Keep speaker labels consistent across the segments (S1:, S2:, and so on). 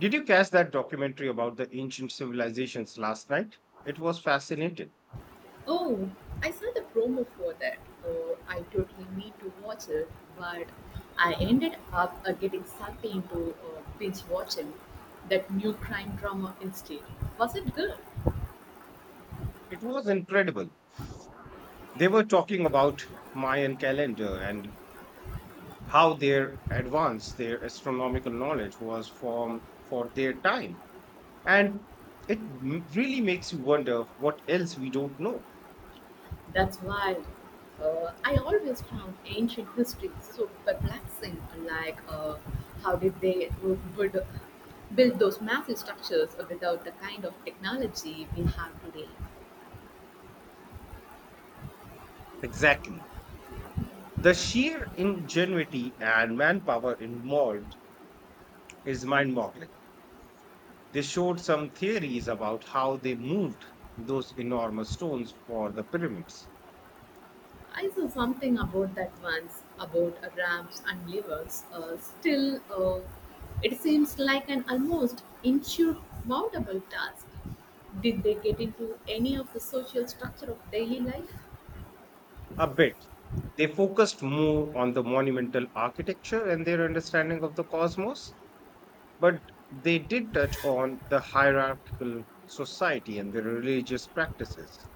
S1: Did you catch that documentary about the ancient civilizations last night? It was fascinating.
S2: Oh, I saw the promo for that. Oh, I totally need to watch it, but I ended up getting sucked into binge watching that new crime drama instead. Was it good?
S1: It was incredible. They were talking about Mayan calendar and how their astronomical knowledge was formed for their time. And really makes you wonder what else we don't know.
S2: That's wild. I always found ancient history so perplexing. Like, how did they build those massive structures without the kind of technology we have today?
S1: Exactly. The sheer ingenuity and manpower involved is mind boggling. They showed some theories about how they moved those enormous stones for the pyramids.
S2: I saw something about that once, about ramps and levers. Still, it seems like an almost insurmountable task. Did they get into any of the social structure of daily life?
S1: A bit. They focused more on the monumental architecture and their understanding of the cosmos, but they did touch on the hierarchical society and the religious practices.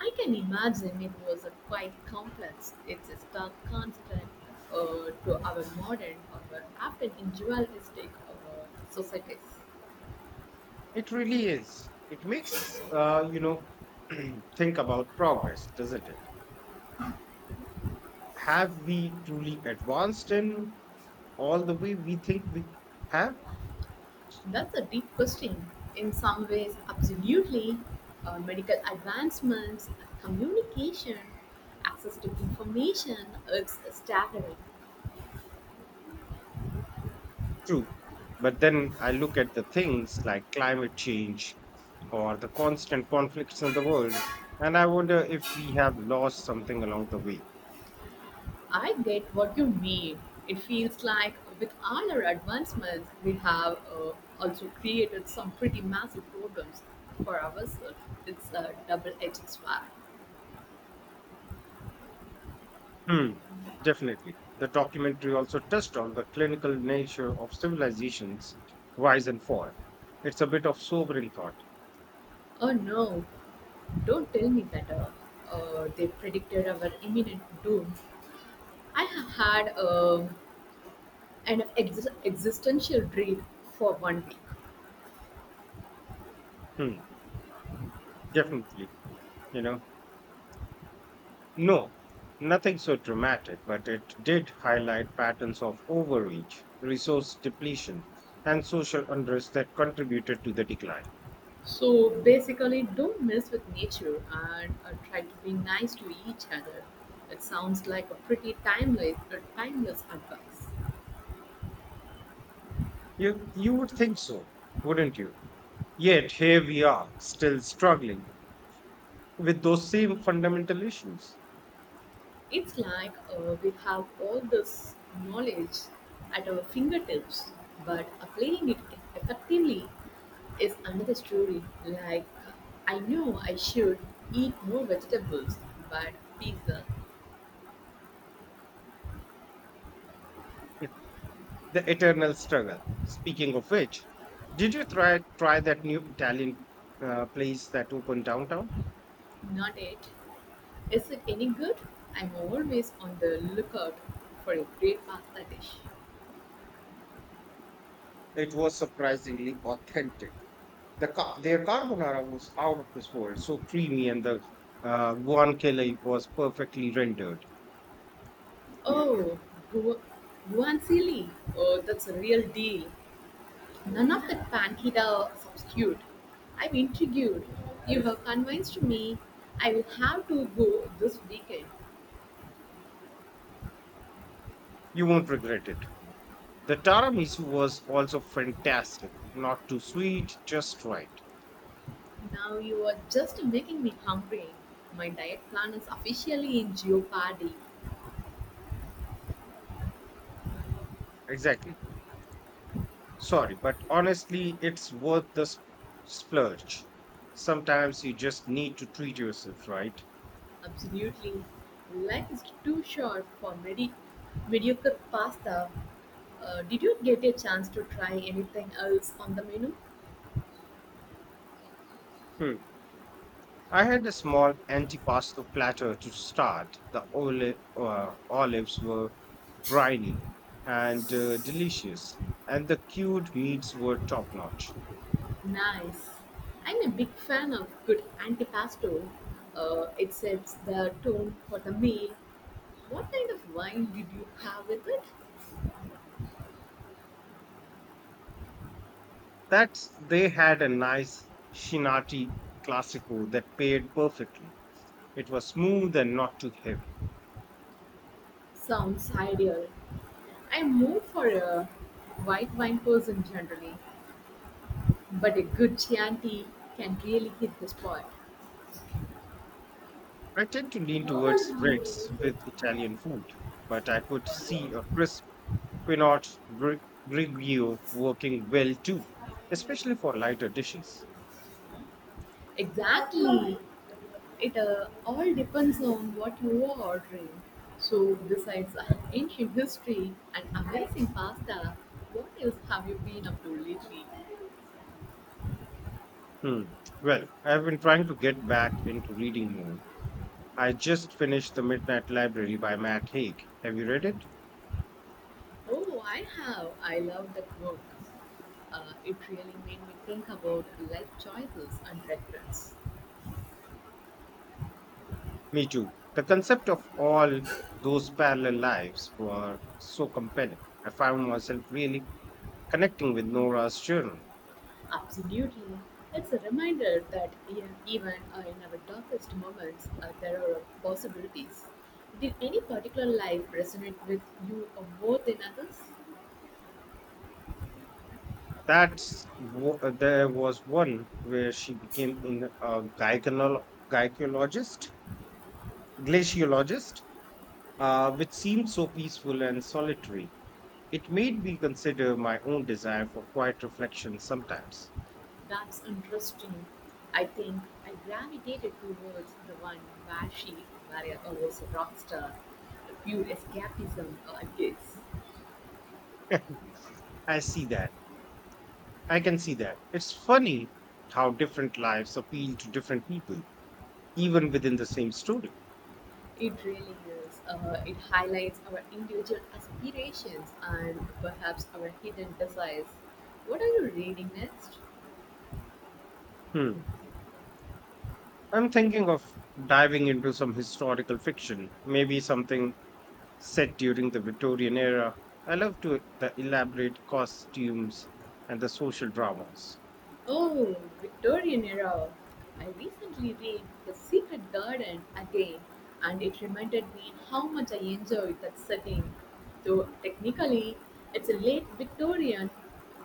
S2: I can imagine it was a quite complex. It's a stark constant to our modern or our often individualistic societies.
S1: It really is. It makes, think about progress, doesn't it? Have we truly advanced in all the way we think we have?
S2: That's a deep question. In some ways, absolutely. Medical advancements, communication, access to information, it's staggering.
S1: True. But then I look at the things like climate change or the constant conflicts in the world, and I wonder if we have lost something along the way.
S2: I get what you mean. It feels like with all our advancements, we have also created some pretty massive problems for ourselves. It's a double edged sword.
S1: Hmm, definitely. The documentary also touched on the clinical nature of civilizations, rise and fall. It's a bit of sobering thought.
S2: Oh no, don't tell me that they predicted our imminent doom. I have had and an existential dread for 1 week.
S1: Hmm, definitely. You know, no, nothing so dramatic, but it did highlight patterns of overreach, resource depletion, and social unrest that contributed to the decline.
S2: So basically, don't mess with nature and try to be nice to each other. It sounds like a pretty timeless advice.
S1: You would think so, wouldn't you? Yet here we are, still struggling with those same fundamental issues.
S2: It's like we have all this knowledge at our fingertips, but applying it effectively is another story. Like, I know I should eat more vegetables, but pizza,
S1: The Eternal Struggle. Speaking of which, did you try that new Italian place that opened downtown?
S2: not it. Is it any good? I'm always on the lookout for a great pasta dish.
S1: It was surprisingly authentic. Their carbonara was out of this world, so creamy, and the guanciale was perfectly rendered.
S2: Oh, gu- guanciale. Oh, that's a real deal. None of that pancita substitute. I'm intrigued. You have convinced me. I will have to go this weekend.
S1: You won't regret it. The tiramisu was also fantastic. Not too sweet, just right.
S2: Now you are just making me hungry. My diet plan is officially in jeopardy.
S1: Exactly. Sorry, but honestly, it's worth splurge. Sometimes you just need to treat yourself, right?
S2: Absolutely. Life is too short for mediocre pasta. Did you get a chance to try anything else on the menu?
S1: Hmm. I had a small antipasto platter to start. The olives were briny and delicious, and the cured meats were top notch.
S2: Nice. I'm a big fan of good antipasto. It sets the tone for the meal. What kind of wine did you have with it?
S1: That's they had a nice Shinati classico that paired perfectly. It was smooth and not too heavy.
S2: Sounds ideal. I'm more for a white wine person generally, but a good Chianti can really hit the spot.
S1: I tend to lean towards reds with Italian food, but I could see a crisp Pinot Gr- Grigio working well too, especially for lighter dishes.
S2: Exactly. It all depends on what you are ordering. So, besides ancient history and amazing pasta, what else have you been up to lately?
S1: Hmm. Well, I've been trying to get back into reading more. I just finished The Midnight Library by Matt Haig. Have you read it?
S2: Oh, I have. I love that book. It really made me think about life choices and regrets.
S1: Me too. The concept of all those parallel lives were so compelling. I found myself really connecting with Nora's journal.
S2: Absolutely. It's a reminder that even in our darkest moments, there are possibilities. Did any particular life resonate with you more than others?
S1: There was one where she a glaciologist, which seemed so peaceful and solitary. It made me consider my own desire for quiet reflection sometimes.
S2: That's interesting. I think I gravitated towards the one where she Maria, was a rock star. Pure escapism, I guess.
S1: I see that. I can see that. It's funny how different lives appeal to different people, even within the same story.
S2: It really is. It highlights our individual aspirations and perhaps our hidden desires. What are you reading next?
S1: Hmm. I'm thinking of diving into some historical fiction, maybe something set during the Victorian era. I love to the elaborate costumes and the social dramas.
S2: Oh, Victorian era. I recently read The Secret Garden again, and it reminded me how much I enjoyed that setting. Though technically, it's a late Victorian,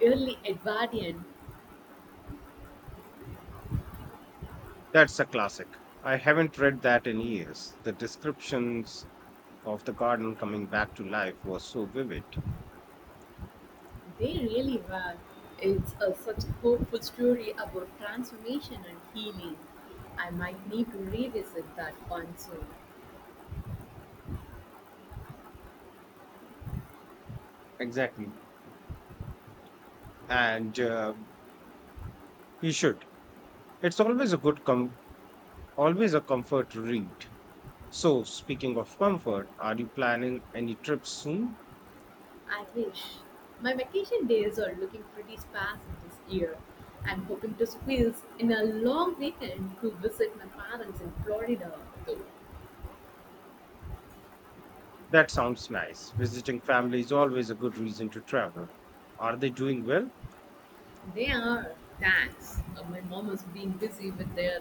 S2: early Edwardian.
S1: That's a classic. I haven't read that in years. The descriptions of the garden coming back to life was so vivid.
S2: They really were. It's a, such a hopeful story about transformation and healing. I might need to revisit that one soon.
S1: Exactly. And you should. It's always a good com always a comfort read. So, speaking of comfort, are you planning any trips soon?
S2: I wish. My vacation days are looking pretty sparse this year. I'm hoping to squeeze in a long weekend to visit my parents in Florida, though.
S1: That sounds nice. Visiting family is always a good reason to travel. Are they doing well?
S2: They are, thanks. My mom is being busy with their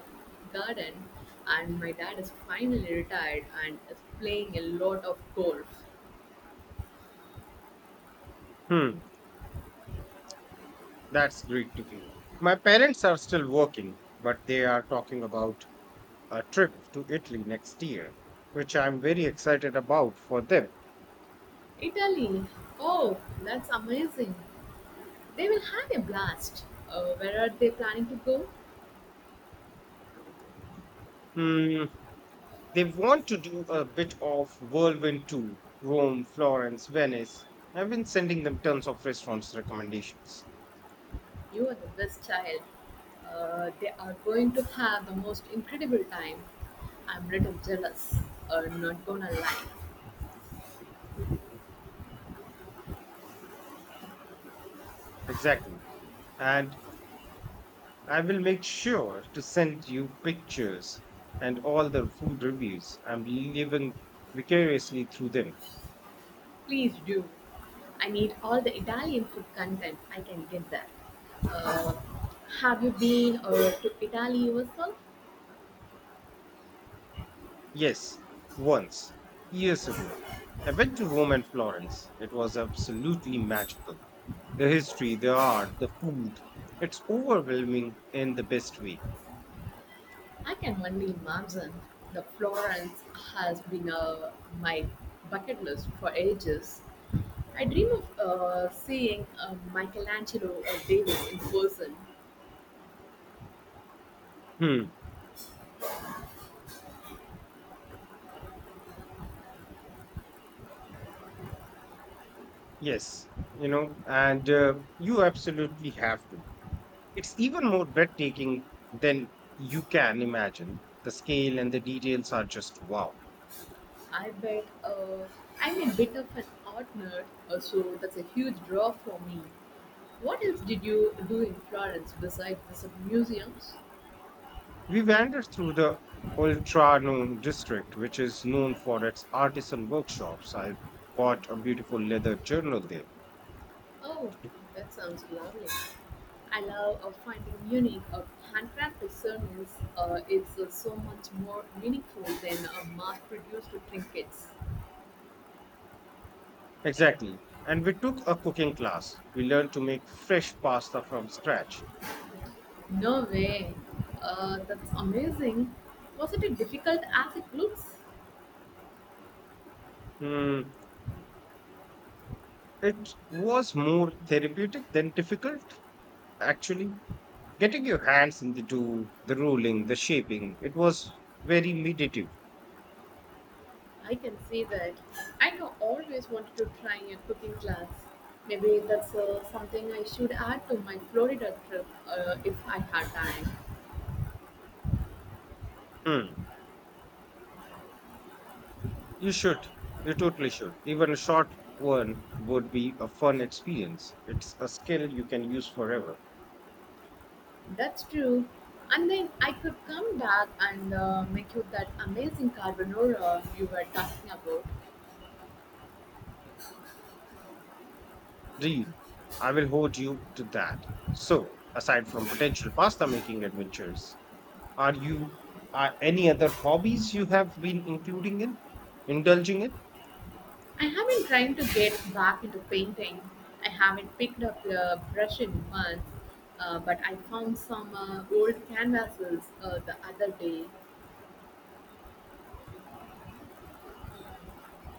S2: garden, and my dad is finally retired and is playing a lot of golf.
S1: Hmm, that's great to hear. My parents are still working, but they are talking about a trip to Italy next year, which I'm very excited about for them.
S2: Italy, oh, that's amazing. They will have a blast. Where are they planning to go?
S1: Hmm, they want to do a bit of whirlwind tour Rome, Florence, Venice. I've been sending them tons of restaurants recommendations.
S2: You are the best child. They are going to have the most incredible time. I'm little jealous. Not gonna lie.
S1: Exactly. And I will make sure to send you pictures and all the food reviews. I'm living vicariously through them.
S2: Please do. I need all the Italian food content I can get there. Uh, have you been to Italy yourself?
S1: Yes, once, years ago, I went to Rome and Florence. It was absolutely magical. The history, the art, the food. It's overwhelming in the best way.
S2: I can only imagine. The Florence has been my bucket list for ages. I dream of seeing Michelangelo or David in person.
S1: Hmm. Yes, you know, and you absolutely have to. It's even more breathtaking than you can imagine. The scale and the details are just wow.
S2: I bet I'm a bit of an art nerd, so that's a huge draw for me. What else did you do in Florence besides visit museums?
S1: We wandered through the Ultra Noon district, which is known for its artisan workshops. I bought a beautiful leather journal there.
S2: Oh, that sounds lovely. I love finding unique handcrafted souvenirs. It's so much more meaningful than mass-produced trinkets.
S1: Exactly. And we took a cooking class. We learned to make fresh pasta from scratch.
S2: No way. That's amazing. Was it as difficult as it looks?
S1: Hmm. It was more therapeutic than difficult, actually. Getting your hands into the dough, the rolling, the shaping, it was very meditative.
S2: I can see that. I know always wanted to try a cooking class. Maybe that's something I should add to my Florida trip if I had time.
S1: Hmm. You should. You totally should. Even a short one would be a fun experience. It's a skill you can use forever.
S2: That's true. And then I could come back and make you that amazing carbonara you were talking about.
S1: Deal. I will hold you to that. So, aside from potential pasta making adventures, are you are any other hobbies you have been indulging in?
S2: I have been trying to get back into painting. I haven't picked up a brush in months, but I found some old canvases the other day.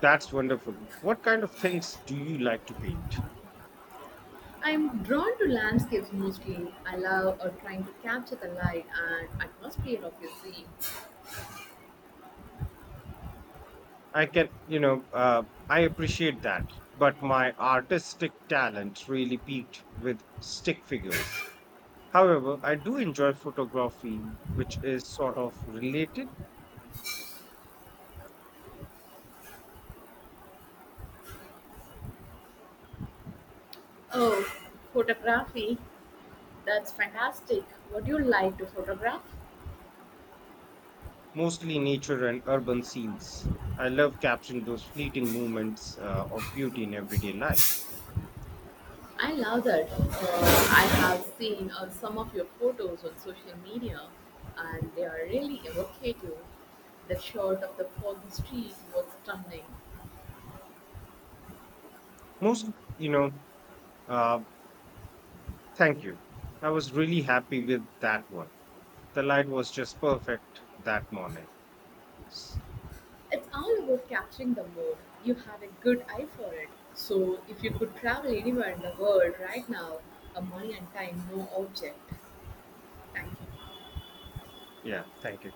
S1: That's wonderful. What kind of things do you like to paint?
S2: I'm drawn to landscapes mostly. I love trying to capture the light and atmosphere of your scene.
S1: I can, you know, I appreciate that, but my artistic talent really peaked with stick figures. However, I do enjoy photography, which is sort of related,
S2: Oh, photography. That's fantastic. What do you like to photograph?
S1: mostly nature and urban scenes. I love capturing those fleeting moments of beauty in everyday life.
S2: I love that. I have seen some of your photos on social media and they are really evocative. The shot of the foggy street was stunning.
S1: Most, you know, uh, Thank you. I was really happy with that one. The light was just perfect that morning. S-
S2: It's all about capturing the mood. You have a good eye for it. So, if you could travel anywhere in the world right now, a money and time, no object. Thank you.
S1: Yeah, thank you.